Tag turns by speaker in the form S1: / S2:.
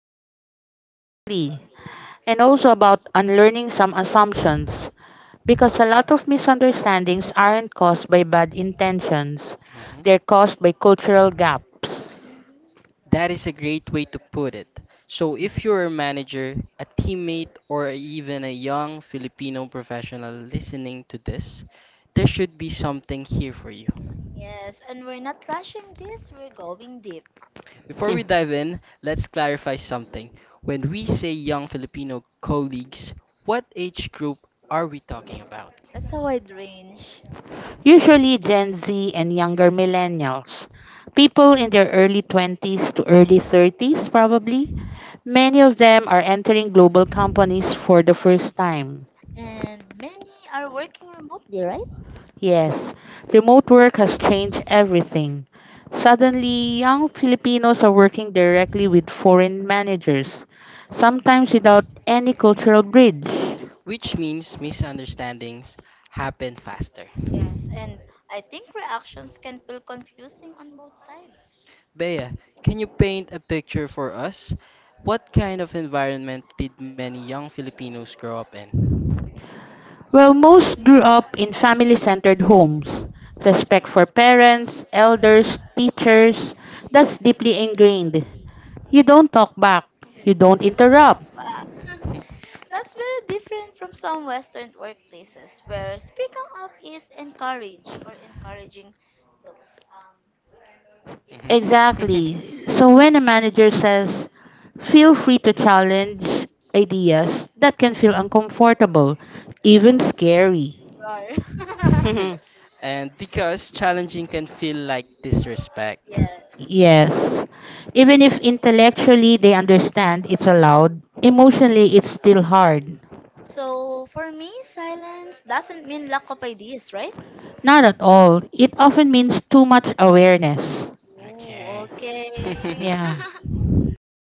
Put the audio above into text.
S1: Yes.
S2: Exactly. And also about unlearning some assumptions, because a lot of misunderstandings aren't caused by bad intentions, they're
S3: Mhm.
S2: caused by cultural gaps.
S3: That is a great way to put it. So, if you're a manager, a teammate, or even a young Filipino professional listening to this, there should be something here for you.
S1: Yes, and we're not rushing this, we're going deep.
S3: Before
S2: Hmm.
S3: we dive in, let's clarify something. When we say young Filipino colleagues, what age group are we talking about?
S1: That's a wide range.
S2: Usually Gen Z and younger millennials, people in their early 20s to early 30s, probably. Many of them are entering global companies for the first time.
S1: And many are working remotely, right?
S2: Yes, remote work has changed everything. Suddenly, young Filipinos are working directly with foreign managers, sometimes without any cultural bridge.
S3: Which means misunderstandings happen faster.
S1: Yes, and I think reactions can feel confusing on both sides.
S3: Bea, can you paint a picture for us? What kind of environment did many young Filipinos grow up in?
S2: While most grew up in family centered homes, respect for parents, elders, teachers, that's deeply ingrained. You don't talk back, you don't interrupt.
S1: That's very different from some Western workplaces where speaking up is encouraged or encouraging those
S3: Mhm.
S2: Exactly. So when a manager says, feel free to challenge ideas, that can feel uncomfortable, even scary.
S1: roar.
S3: And because challenging can feel like disrespect.
S1: yeah.
S2: Yes. Even if intellectually they understand it's allowed, emotionally it's still hard.
S1: So for me, silence doesn't mean lack of ideas, right?
S2: Not at all. It often means too much awareness.
S3: Okay.
S1: Oh, okay.
S2: Yeah.